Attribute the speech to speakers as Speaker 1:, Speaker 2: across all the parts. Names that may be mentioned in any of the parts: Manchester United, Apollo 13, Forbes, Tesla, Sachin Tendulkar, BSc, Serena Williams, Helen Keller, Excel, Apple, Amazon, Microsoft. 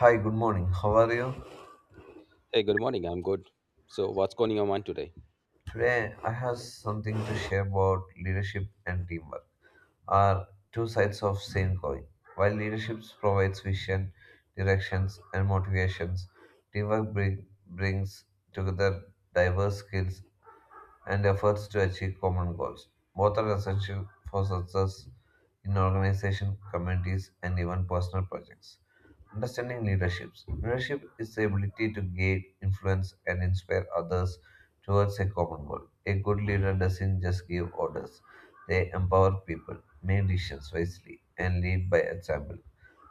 Speaker 1: Hi, good morning. How are you?
Speaker 2: Hey, good morning. I'm good. So, what's going on your mind today?
Speaker 1: Today, I have something to share about leadership and teamwork are two sides of same coin. While leadership provides vision, directions, and motivations, brings together diverse skills and efforts to achieve common goals. Both are essential for success in organization, communities, and even personal projects. Understanding leaderships. Leadership is the ability to guide, influence, and inspire others towards a common goal. A good leader doesn't just give orders, they empower people, make decisions wisely, and lead by example.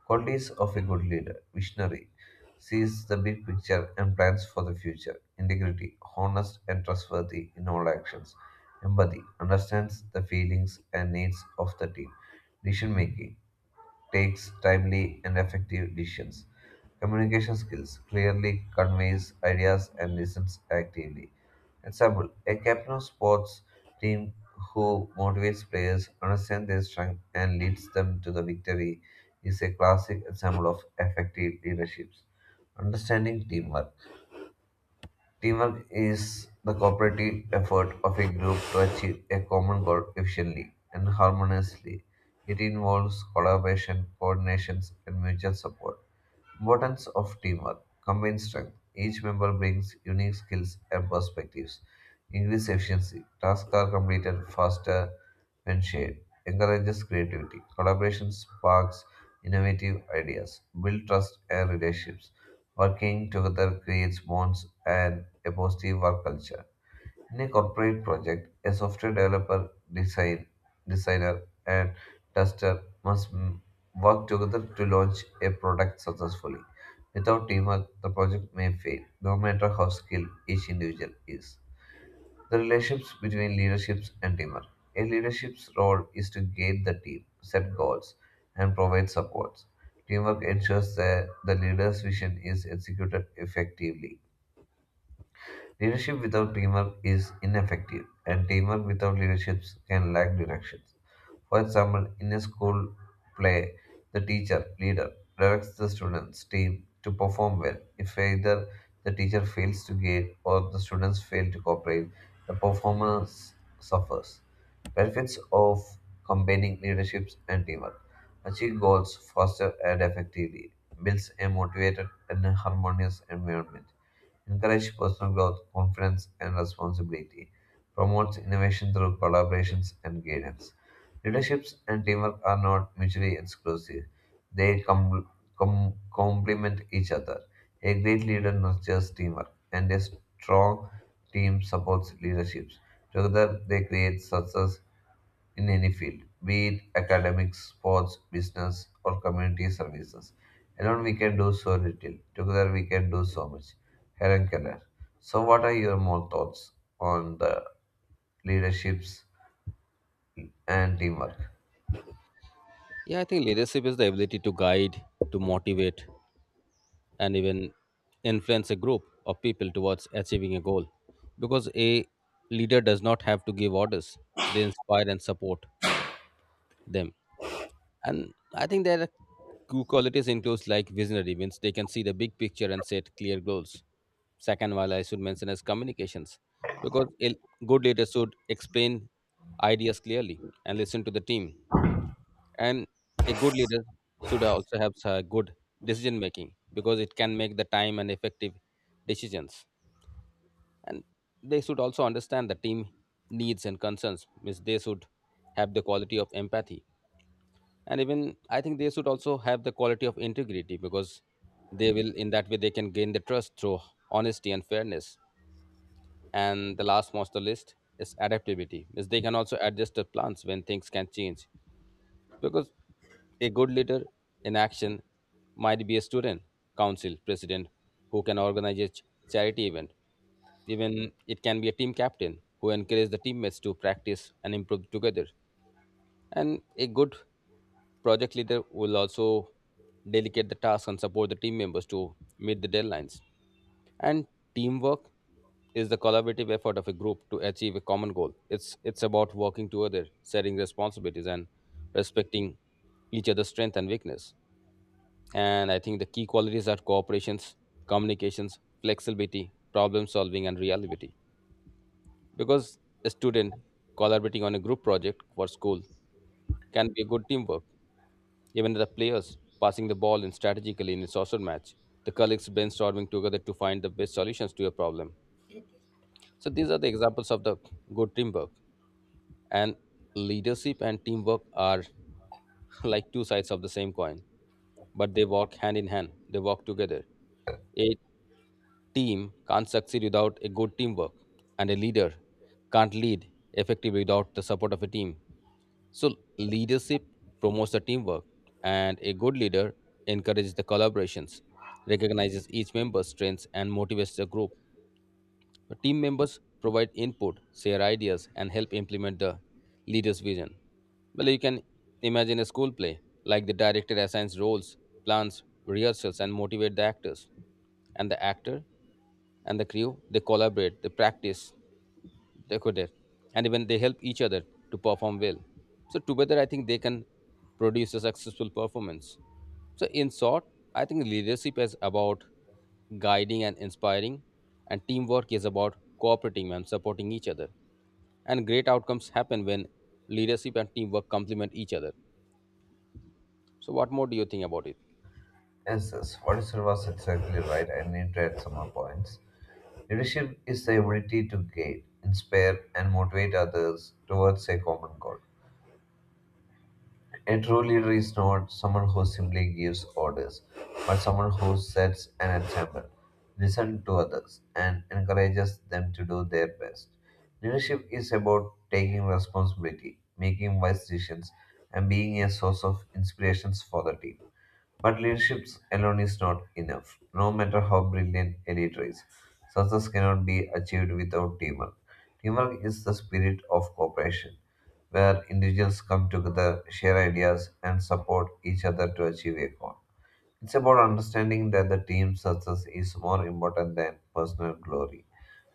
Speaker 1: Qualities of a good leader visionary, sees the big picture and plans for the future. Integrity, honest and trustworthy in all actions. Empathy, understands the feelings and needs of the team. Decision making, takes timely and effective decisions. Communication skills, clearly conveys ideas and listens actively. Example, a captain of sports team who motivates players, understands their strength, and leads them to the victory is a classic example of effective leadership. Understanding teamwork. Teamwork is the cooperative effort of a group to achieve a common goal efficiently and harmoniously. It involves collaboration, coordination, and mutual support. Importance of teamwork. Combined strength. Each member brings unique skills and perspectives. Increase efficiency. Tasks are completed faster when shared. Encourages creativity. Collaboration sparks innovative ideas. Build trust and relationships. Working together creates bonds and a positive work culture. In a corporate project, a software developer, designer, and tester work together to launch a product successfully. Without teamwork, the project may fail, no matter how skilled each individual is. The relationships between leaderships and teamwork. A leadership's role is to guide the team, set goals, and provide supports. Teamwork ensures that the leader's vision is executed effectively. Leadership without teamwork is ineffective, and teamwork without leadership can lack direction. For example, in a school play, the teacher, leader, directs the students' team to perform well. If either the teacher fails to guide or the students fail to cooperate, the performance suffers. Benefits of combining leadership and teamwork achieve goals faster and effectively, builds a motivated and harmonious environment encourages personal growth, confidence, and responsibility, promotes innovation through collaborations and guidance. Leaderships and teamwork are not mutually exclusive, they complement each other. A great leader nurtures teamwork, and a strong team supports leaderships. Together, they create success in any field, be it academics, sports, business, or community services. Alone we can do so little, together we can do so much. Helen Keller. So, what are your more thoughts on the leaderships and teamwork?
Speaker 2: Yeah, I think leadership is the ability to guide, to motivate, and even influence a group of people towards achieving a goal. Because a leader does not have to give orders, they inspire and support them. And I think there are two qualities includes like visionary, means they can see the big picture and set clear goals. Second, while I should mention is communications, because a good leader should explain ideas clearly and listen to the team, and a good leader should also have a good decision making because it can make the time and effective decisions. And they should also understand the team needs and concerns, means they should have the quality of empathy. And even I think they should also have the quality of integrity, because they will, in that way they can gain the trust through honesty and fairness. And the last most the list is adaptability, means they can also adjust their plans when things can change. Because a good leader in action might be a student, council president who can organize a charity event. Even it can be a team captain who encourages the teammates to practice and improve together. And a good project leader will also delegate the task and support the team members to meet the deadlines. And teamwork is the collaborative effort of a group to achieve a common goal. It's about working together, sharing responsibilities, and respecting each other's strength and weakness. And I think the key qualities are cooperations, communications, flexibility, problem solving, and reliability. Because a student collaborating on a group project for school can be a good teamwork. Even the players passing the ball in strategically in a soccer match, the colleagues brainstorming together to find the best solutions to a problem. So these are the examples of the good teamwork. And leadership and teamwork are like two sides of the same coin, but they walk hand in hand. They walk together. A team can't succeed without a good teamwork, and a leader can't lead effectively without the support of a team. So leadership promotes the teamwork, and a good leader encourages the collaborations, recognizes each member's strengths, and motivates the group. The team members provide input, share ideas, and help implement the leader's vision. Well, you can imagine a school play, like the director assigns roles, plans, rehearsals, and motivate the actors. And the actor and the crew, they collaborate, they practice, they could it, and even they help each other to perform well. So together I think they can produce a successful performance. So in short, I think leadership is about guiding and inspiring, and teamwork is about cooperating and supporting each other, and great outcomes happen when leadership and teamwork complement each other. So what more do you think about it?
Speaker 1: Yes, yes, what you said was exactly right. I need to add some more points. Leadership is the ability to guide, inspire, and motivate others towards a common goal. A true leader is not someone who simply gives orders, but someone who sets an example, listens to others, and encourages them to do their best. Leadership is about taking responsibility, making wise decisions, and being a source of inspirations for the team. But leadership alone is not enough. No matter how brilliant a leader is, success cannot be achieved without teamwork. Teamwork is the spirit of cooperation, where individuals come together, share ideas, and support each other to achieve a goal. It's about understanding that the team's success is more important than personal glory.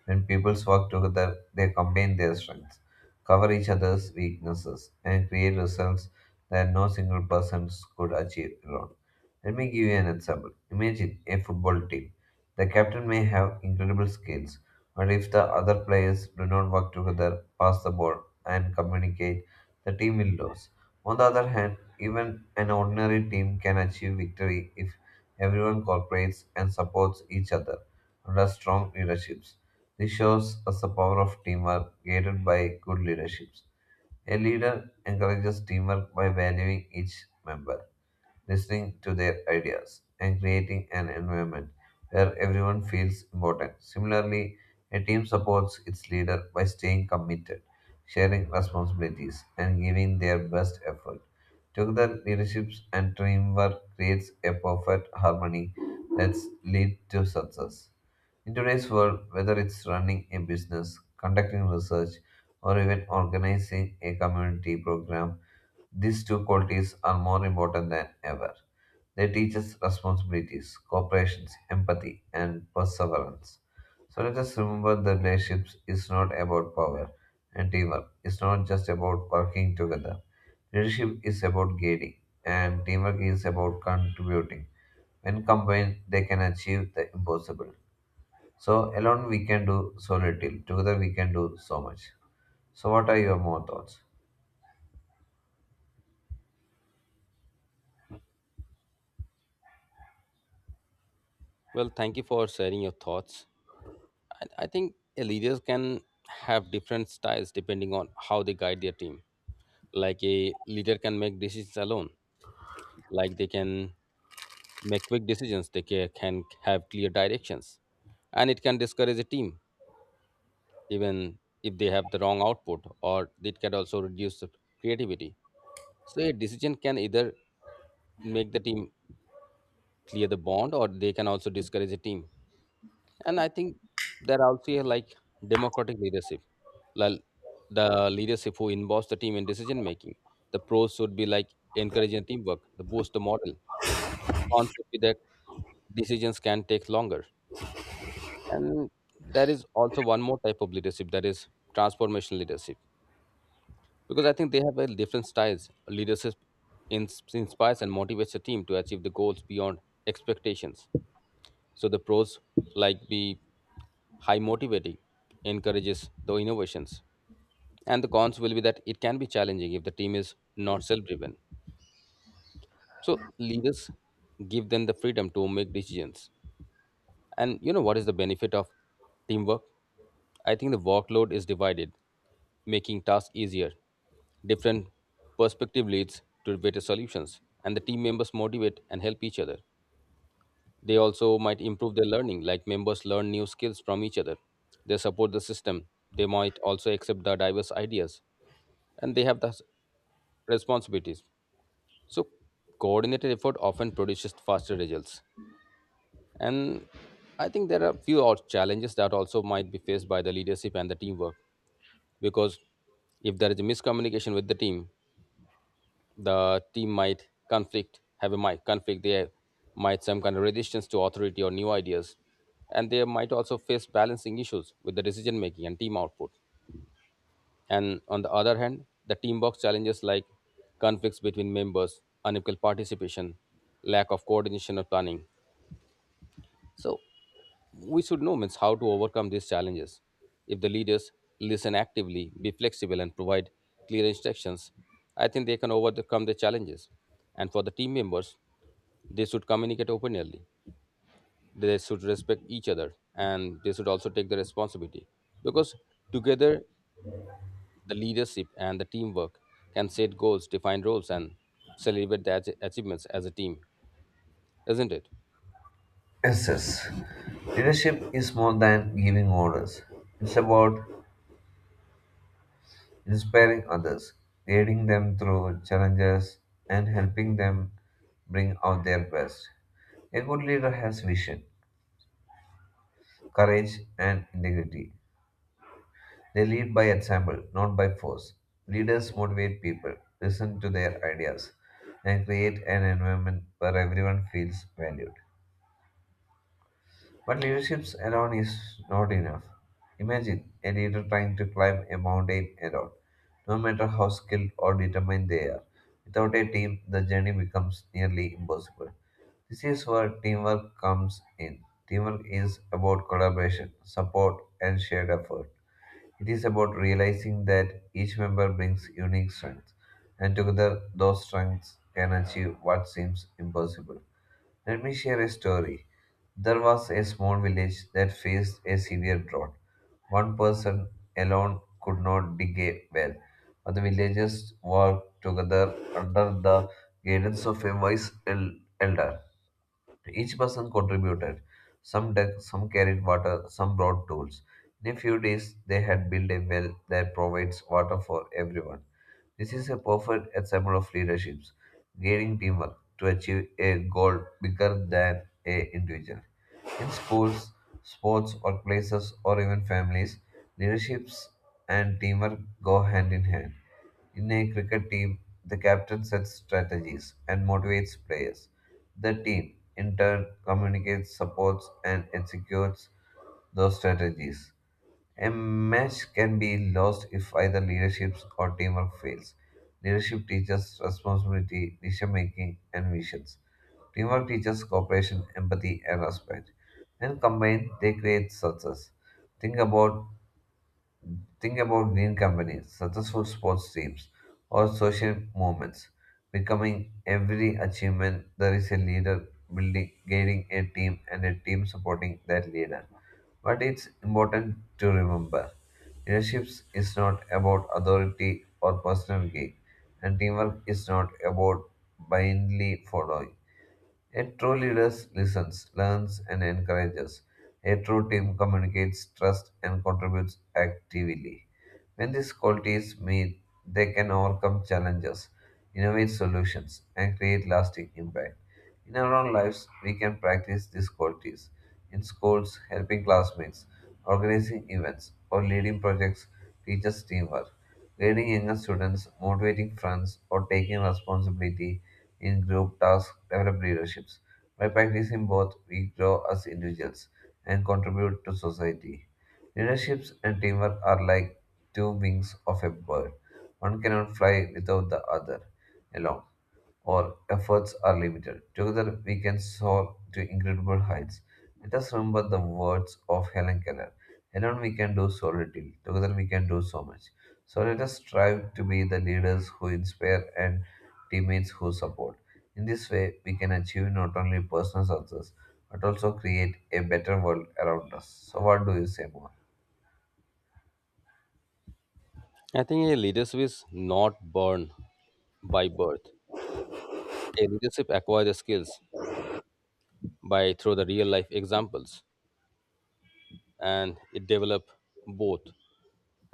Speaker 1: When peoples work together, they combine their strengths, cover each other's weaknesses, and create results that no single person could achieve alone. Let me give you an example. Imagine a football team. The captain may have incredible skills, but if the other players do not work together, pass the ball, and communicate, the team will lose. On the other hand, even an ordinary team can achieve victory if everyone cooperates and supports each other under strong leadership. This shows us the power of teamwork guided by good leaderships. A leader encourages teamwork by valuing each member listening to their ideas, and creating an environment where everyone feels important. Similarly, a team supports its leader by staying committed, sharing responsibilities, and giving their best effort. Together, leadership and teamwork creates a perfect harmony that leads to success. In today's world, whether it's running a business, conducting research, or even organizing a community program, these two qualities are more important than ever. They teach us responsibilities, cooperation, empathy, and perseverance. So let us remember that relationships is not about power and teamwork. It's not just about working together. Leadership is about guiding, and teamwork is about contributing. When combined, they can achieve the impossible. So alone we can do so little. Together we can do so much. So what are your more thoughts?
Speaker 2: Well, thank you for sharing your thoughts. I think a leaders can have different styles depending on how they guide their team. Like a leader can make decisions alone, like they can make quick decisions, they can have clear directions, and it can discourage a team even if they have the wrong output, or it can also reduce the creativity. So a decision can either make the team clear the bond, or they can also discourage a team. And I think there are also like democratic leadership, like the leadership who involves the team in decision making. The pros should be like encouraging teamwork, the boost the model, and the cons would be that decisions can take longer. And there is also one more type of leadership, that is transformational leadership, because I think they have a different styles leadership. Inspires and motivates the team to achieve the goals beyond expectations. So the pros like be high motivating, encourages the innovations. And the cons will be that it can be challenging if the team is not self-driven. So leaders give them the freedom to make decisions. And you know what is the benefit of teamwork? I think the workload is divided, making tasks easier. Different perspective leads to better solutions, and the team members motivate and help each other. They also might improve their learning, like members learn new skills from each other. They support the system. They might also accept the diverse ideas, and they have the responsibilities. So, coordinated effort often produces faster results. And I think there are few challenges that also might be faced by the leadership and the teamwork, because if there is a miscommunication with the team, the team might conflict have a might conflict, they might some kind of resistance to authority or new ideas, and they might also face balancing issues with the decision making and team output. And on the other hand, the team box challenges like conflicts between members, unequal participation, lack of coordination or planning. So we should know means how to overcome these challenges. If the leaders listen actively, be flexible, and provide clear instructions, I think they can overcome the challenges. And for the team members, they should communicate openly, they should respect each other, and they should also take the responsibility. Because together, the leadership and the teamwork can set goals, define roles, and celebrate the achievements as a team, isn't it?
Speaker 1: Yes, yes. Leadership is more than giving orders. It's about inspiring others, guiding them through challenges, and helping them bring out their best. A good leader has vision, courage, and integrity. They lead by example, not by force. Leaders motivate people, listen to their ideas, and create an environment where everyone feels valued. But leadership alone is not enough. Imagine a leader trying to climb a mountain alone, no matter how skilled or determined they are. Without a team, the journey becomes nearly impossible. This is where teamwork comes in. Teamwork is about collaboration, support, and shared effort. It is about realizing that each member brings unique strengths, and together those strengths can achieve what seems impossible. Let me share a story. There was a small village that faced a severe drought. One person alone could not dig a well, but the villagers worked together under the guidance of a elder. Each person contributed. Some dug, some carried water, some brought tools. In a few days, they had built a well that provides water for everyone. This is a perfect example of leadership, guiding teamwork to achieve a goal bigger than a individual. In schools, sports, workplaces, or even families, leaderships and teamwork go hand in hand. In a cricket team, the captain sets strategies and motivates players. The team, in turn, communicates, supports, and executes those strategies. A match can be lost if either leadership or teamwork fails. Leadership teaches responsibility, decision making, and visions. Teamwork teaches cooperation, empathy, and respect. And combined, they create success. Think about Think about green companies, successful sports teams, or social movements. Becoming every achievement, there is a leader building, guiding a team, and a team supporting that leader. But it's important to remember leadership is not about authority or personal gain, and teamwork is not about blindly following. A true leader listens, learns, and encourages. A true team communicates, trusts, and contributes actively. When these qualities meet, they can overcome challenges, innovate solutions, and create lasting impact. In our own lives, we can practice these qualities in schools, helping classmates, organizing events, or leading projects teaches teamwork. Guiding younger students, motivating friends, or taking responsibility in group tasks develop leaderships. By practicing both, we grow as individuals and contribute to society. Leaderships and teamwork are like two wings of a bird. One cannot fly without the other alone or efforts are limited. Together, we can soar to incredible heights. Let us remember the words of Helen Keller. Alone, we can do so little. Together, we can do so much. So, let us strive to be the leaders who inspire and teammates who support. In this way, we can achieve not only personal success but also create a better world around us. So, what do you say more?
Speaker 2: I think a leadership is not born by birth. A leadership acquires the skills by through the real life examples, and it develop both.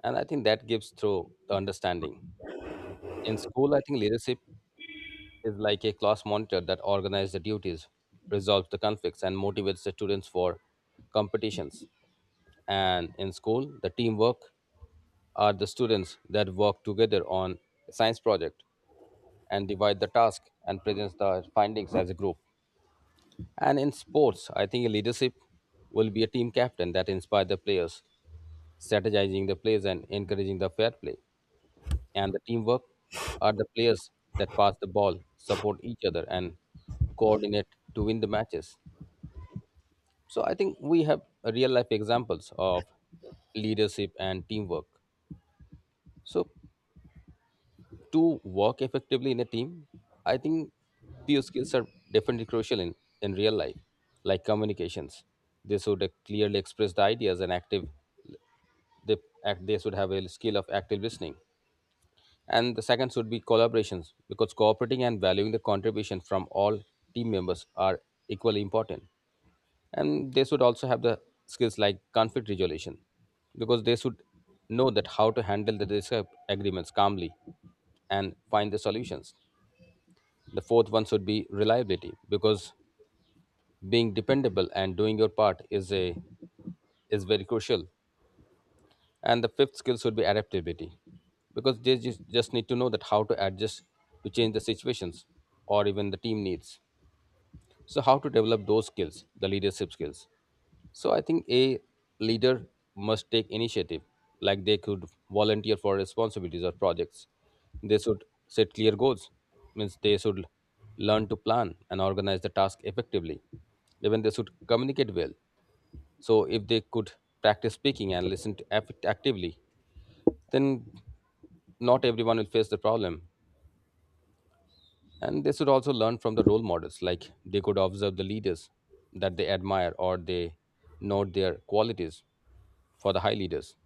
Speaker 2: And I think that gives through the understanding. In school, I think leadership is like a class monitor that organizes the duties, resolves the conflicts, and motivates the students for competitions. And in school, the teamwork are the students that work together on a science project and divide the task and presents the findings as a group. And in sports, I think leadership will be a team captain that inspires the players, strategizing the plays and encouraging the fair play. And the teamwork are the players that pass the ball, support each other, and coordinate to win the matches. So I think we have real life examples of leadership and teamwork. So to work effectively in a team, I think few skills are definitely crucial in real life, like communications. They should clearly express the ideas and active. They they should have a skill of active listening. And the second should be collaborations, because cooperating and valuing the contribution from all team members are equally important. And they should also have the skills like conflict resolution, because they should know that how to handle the disagreements calmly and find the solutions. The fourth one should be reliability because being dependable and doing your part is a is very crucial. And the fifth skill should be adaptability, because they just need to know that how to adjust to change the situations or even the team needs. So, how to develop those skills, the leadership skills? So, I think a leader must take initiative, like they could volunteer for responsibilities or projects. They should set clear goals, means they should learn to plan and organize the task effectively. Even they should communicate well. So, if they could practice speaking and listen to actively, then not everyone will face the problem. And they should also learn from the role models, like they could observe the leaders that they admire or they note their qualities for the high leaders.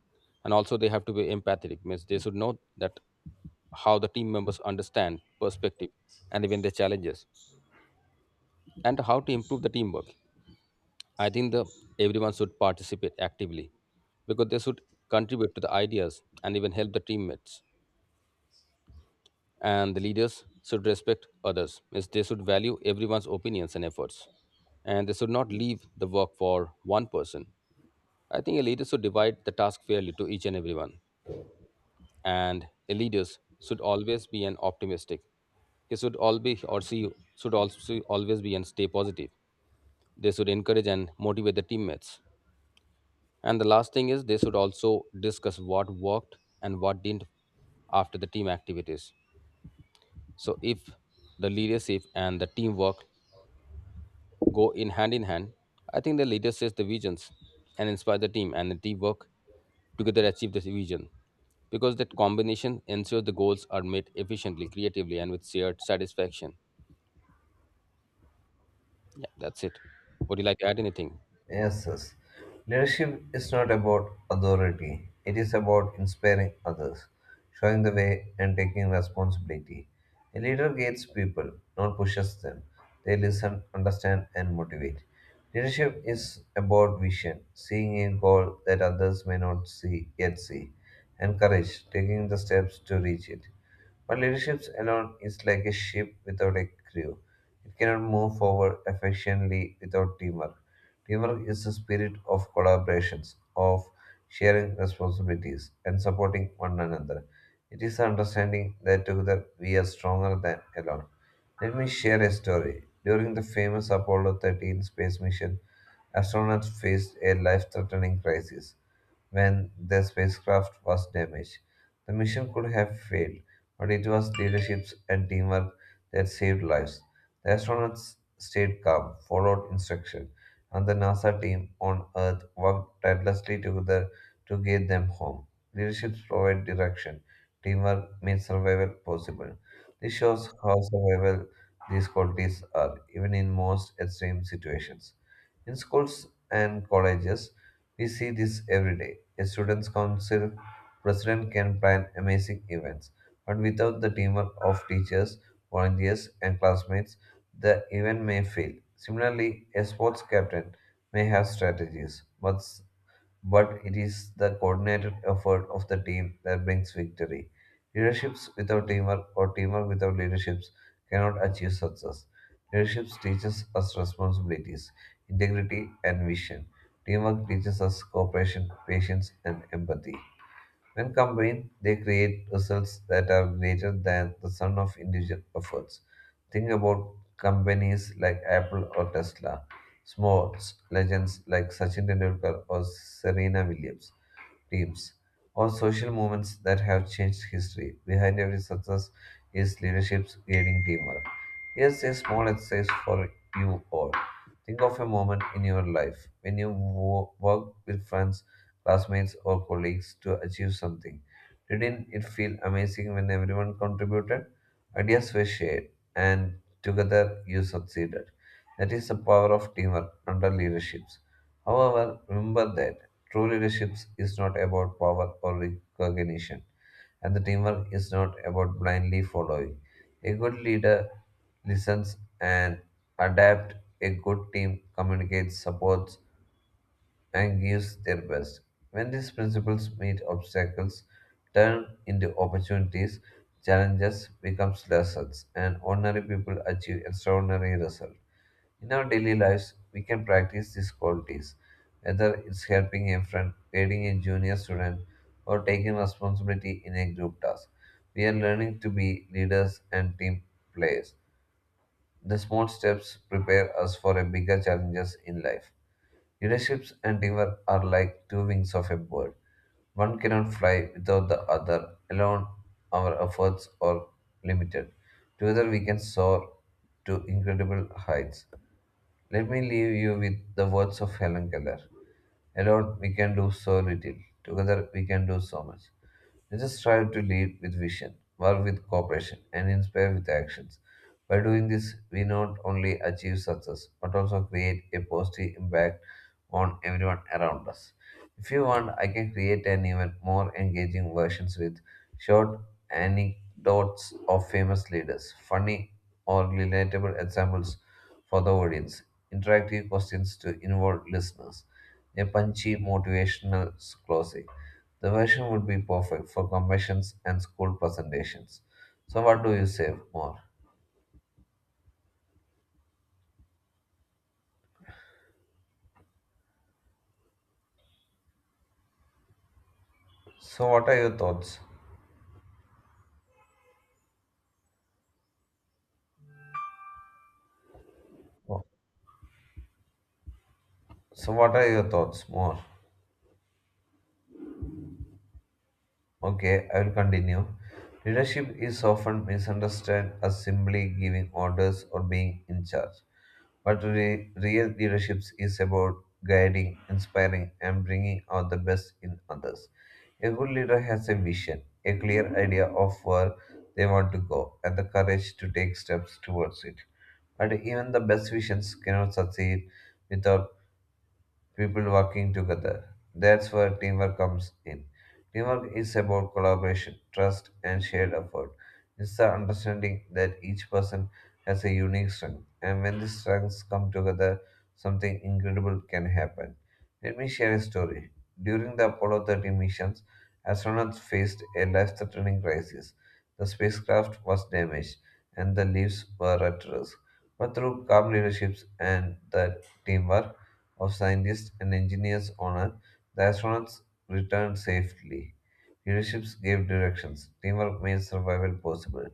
Speaker 2: And also, they have to be empathetic, means they should know that how the team members understand perspective and even their challenges and how to improve the teamwork. I think the everyone should participate actively, because they should contribute to the ideas and even help the teammates. And the leaders should respect others, means they should value everyone's opinions and efforts, and they should not leave the work for one person. I think a leader should divide the task fairly to each and everyone. And a leader should always be an optimistic, he should all be, or she should also always be and stay positive. They should encourage and motivate the teammates. And the last thing is they should also discuss what worked and what didn't after the team activities. So if the leadership and the teamwork go in hand in hand. I think the leader sets the visions and inspire the team, and the team work together achieve the vision. Because that combination ensures the goals are met efficiently, creatively, and with shared satisfaction. Yeah, that's it. Would you like to add anything?
Speaker 1: Yes, yes. Leadership is not about authority. It is about inspiring others, showing the way, and taking responsibility. A leader guides people, not pushes them. They listen, understand, and motivate. Leadership is about vision, seeing a goal that others may not see yet see, and courage, taking the steps to reach it. But leadership alone is like a ship without a crew. It cannot move forward efficiently without teamwork. Teamwork is the spirit of collaborations, of sharing responsibilities, and supporting one another. It is the understanding that together we are stronger than alone. Let me share a story. During the famous Apollo 13 space mission, astronauts faced a life threatening crisis when their spacecraft was damaged. The mission could have failed, but it was leadership and teamwork that saved lives. The astronauts stayed calm, followed instruction, and the NASA team on Earth worked tirelessly together to get them home. Leadership provided direction. Teamwork made survival possible. This shows how survival these qualities are, even in most extreme situations. In schools and colleges, we see this every day. A student's council president can plan amazing events, but without the teamwork of teachers, volunteers, and classmates, the event may fail. Similarly, a sports captain may have strategies, but it is the coordinated effort of the team that brings victory. Leaderships without teamwork or teamwork without leaderships cannot achieve success. Leadership teaches us responsibilities, integrity, and vision. Teamwork teaches us cooperation, patience, and empathy. When combined, they create results that are greater than the sum of individual efforts. Think about companies like Apple or Tesla, sports legends like Sachin Tendulkar or Serena Williams, teams, or social movements that have changed history. Behind every success is leaderships guiding teamwork. Here's a small exercise for you all. Think of a moment in your life when worked with friends, classmates, or colleagues to achieve something. Didn't it feel amazing when everyone contributed? Ideas were shared, and together you succeeded. That is the power of teamwork under leaderships. However, remember that true leadership is not about power or recognition, and the teamwork is not about blindly following. A good leader listens and adapts, a good team communicates, supports, and gives their best. When these principles meet obstacles, turn into opportunities, challenges becomes lessons, and ordinary people achieve extraordinary results. In our daily lives, we can practice these qualities, whether it's helping a friend, aiding a junior student, or taking responsibility in a group task. We are learning to be leaders and team players. The small steps prepare us for a bigger challenges in life. Leaderships and teamwork are like two wings of a bird. One cannot fly without the other. Alone, our efforts are limited. Together, we can soar to incredible heights. Let me leave you with the words of Helen Keller. Alone we can do so little, together we can do so much. Let us strive to lead with vision, work with cooperation, and inspire with actions. By doing this, we not only achieve success but also create a positive impact on everyone around us. If you want, I can create an even more engaging versions with short anecdotes of famous leaders, funny or relatable examples for the audience, interactive questions to involve listeners, a punchy motivational closing. The version would be perfect for conventions and school presentations. So what do you say more? So what are your thoughts? Oh, so what are your thoughts more? Okay, I will continue. Leadership is often misunderstood as simply giving orders or being in charge. But real leadership is about guiding, inspiring, and bringing out the best in others. A good leader has a vision, a clear idea of where they want to go, and the courage to take steps towards it. But even the best visions cannot succeed without people working together. That's where teamwork comes in. Teamwork is about collaboration, trust, and shared effort. It's the understanding that each person has a unique strength, and when these strengths come together, something incredible can happen. Let me share a story. During the Apollo 13 missions, astronauts faced a life threatening crisis. The spacecraft was damaged, and the lives were at risk. But through calm leaderships and the teamwork, of scientists and engineers on Earth, the astronauts returned safely. Leaderships gave directions. Teamwork made survival possible.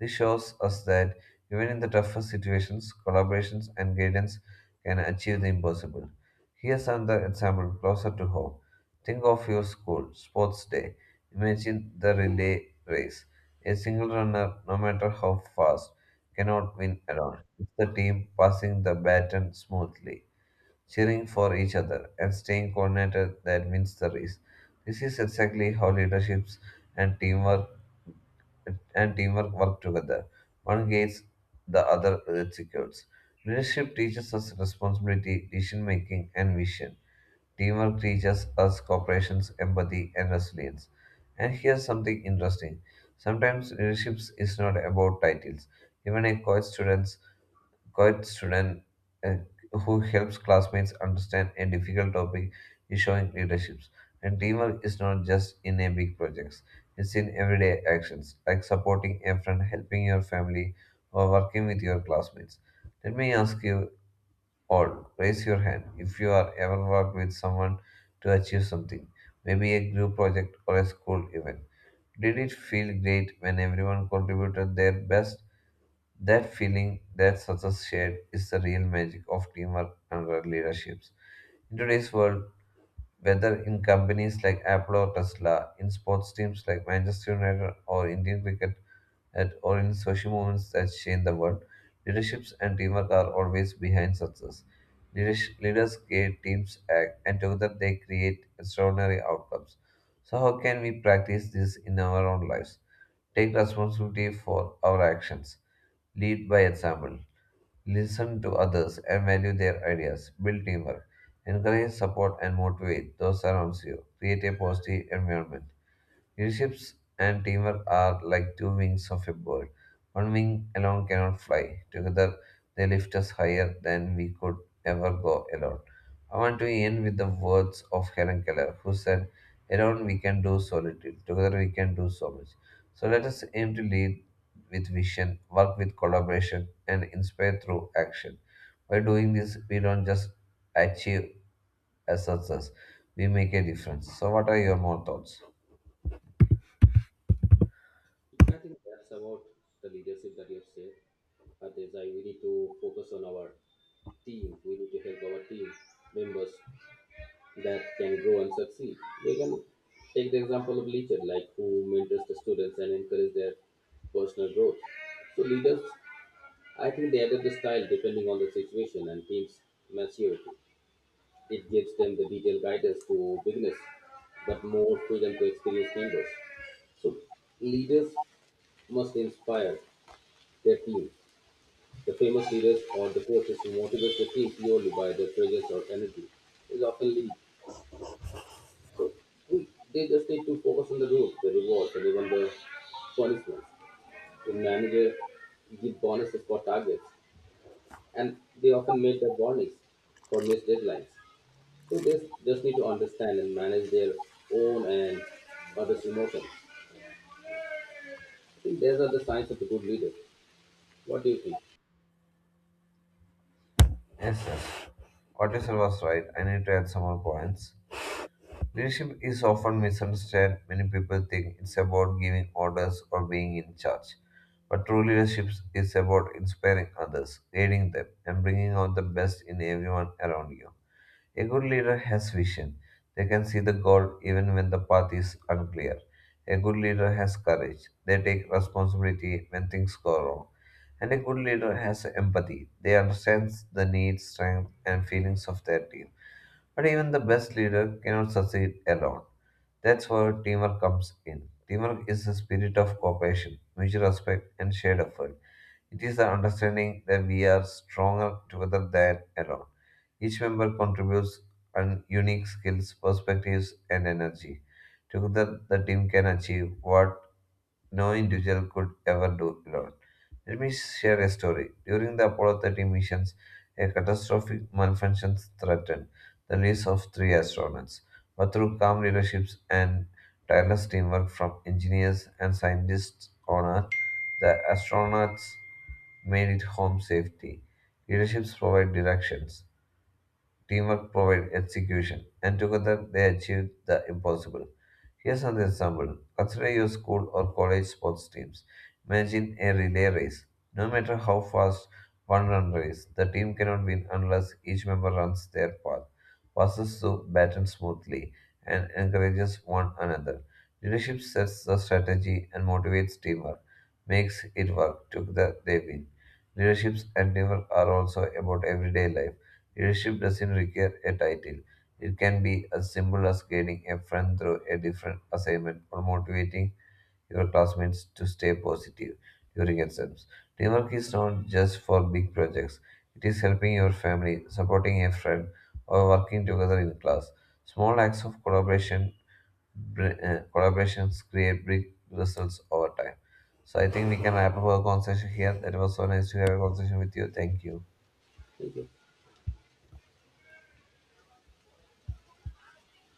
Speaker 1: This shows us that even in the toughest situations, collaborations and guidance can achieve the impossible. Here's another example closer to home. Think of your school sports day. Imagine the relay race. A single runner, no matter how fast, cannot win alone. It's the team passing the baton smoothly cheering for each other, and staying coordinated that wins the race. This is exactly how leaderships and teamwork work together. One guides the other executes. Leadership teaches us responsibility, decision making, and vision. Teamwork teaches us cooperation, empathy, and resilience. And here's something interesting. Sometimes leadership is not about titles. Even a college student quiet student uh, who helps classmates understand a difficult topic is showing leadership. And teamwork is not just in a big projects; it's in everyday actions like supporting a friend, helping your family, or working with your classmates. Let me ask you all: raise your hand if you are ever worked with someone to achieve something, maybe a group project or a school event. Did it feel great when everyone contributed their best? That feeling that success shared is the real magic of teamwork and leaderships. In today's world, whether in companies like Apple or Tesla, in sports teams like Manchester United or Indian cricket, or in social movements that change the world, leaderships and teamwork are always behind success. Leaders create teams act, and together they create extraordinary outcomes. So, how can we practice this in our own lives? Take responsibility for our actions. Lead by example listen to others and value their ideas, build teamwork, encourage, support, and motivate those around you, create a positive environment. Leaderships and teamwork are like two wings of a bird. One wing alone cannot fly. Together, they lift us higher than we could ever go alone. I want to end with the words of Helen Keller, who said, alone we can do so little, together we can do so much. So let us aim to lead with vision, work with collaboration, and inspire through action. By doing this, we don't just achieve a success, we make a difference. So, what are your more thoughts?
Speaker 2: I think that's about the leadership that you have said. That is, I we need to focus on our team. We need to help our team members that can grow and succeed. We can take the example of leaders like who mentors the students and encourage their personal growth. So leaders, I think they adapt the style depending on the situation and team's maturity. It gives them the detailed guidance to beginners, but more freedom to experienced members. So leaders must inspire their team. The famous leaders or the coaches who motivate the team purely by their presence or energy will often lead. So we, they just need to focus on the rules, the rewards, and even the punishments. The manager give bonuses for targets, and they often make the warnings for missed deadlines. So they just need to understand and manage their own and others' emotions. I think these are the signs of a good leader. What do you think?
Speaker 1: Yes, yes. What you said was right. I need to add some more points. Leadership is often misunderstood. Many people think it's about giving orders or being in charge. But true leadership is about inspiring others, guiding them, and bringing out the best in everyone around you. A good leader has vision. They can see the goal even when the path is unclear. A good leader has courage. They take responsibility when things go wrong. And a good leader has empathy. They understand the needs, strengths, and feelings of their team. But even the best leader cannot succeed alone. That's where teamwork comes in. Teamwork is the spirit of cooperation, mutual respect, and shared effort. It is the understanding that we are stronger together than alone. Each member contributes an unique skills, perspectives, and energy. Together, the team can achieve what no individual could ever do alone. Let me share a story. During the Apollo 13 missions, a catastrophic malfunction threatened the lives of three astronauts. But through calm leadership and tireless teamwork from engineers and scientists on Earth, the astronauts made it home safely. Leaderships provide directions, teamwork provided execution, and together they achieved the impossible. Here's another example. Consider your school or college sports teams. Imagine a relay race. No matter how fast one run race, the team cannot win unless each member runs their path, passes the baton smoothly, and encourages one another. Leadership sets the strategy and motivates teamwork, makes it work. Together they win. Leaderships and teamwork are also about everyday life Leadership doesn't require a title. It can be as simple as guiding a friend through a different assignment or motivating your classmates to stay positive during exams. Teamwork is not just for big projects, it is helping your family, supporting a friend, or working together in class. Small acts of collaboration collaborations create big results over time. So I think we can wrap up our conversation here. That was so nice to have a conversation with you. Thank you.
Speaker 2: Thank you.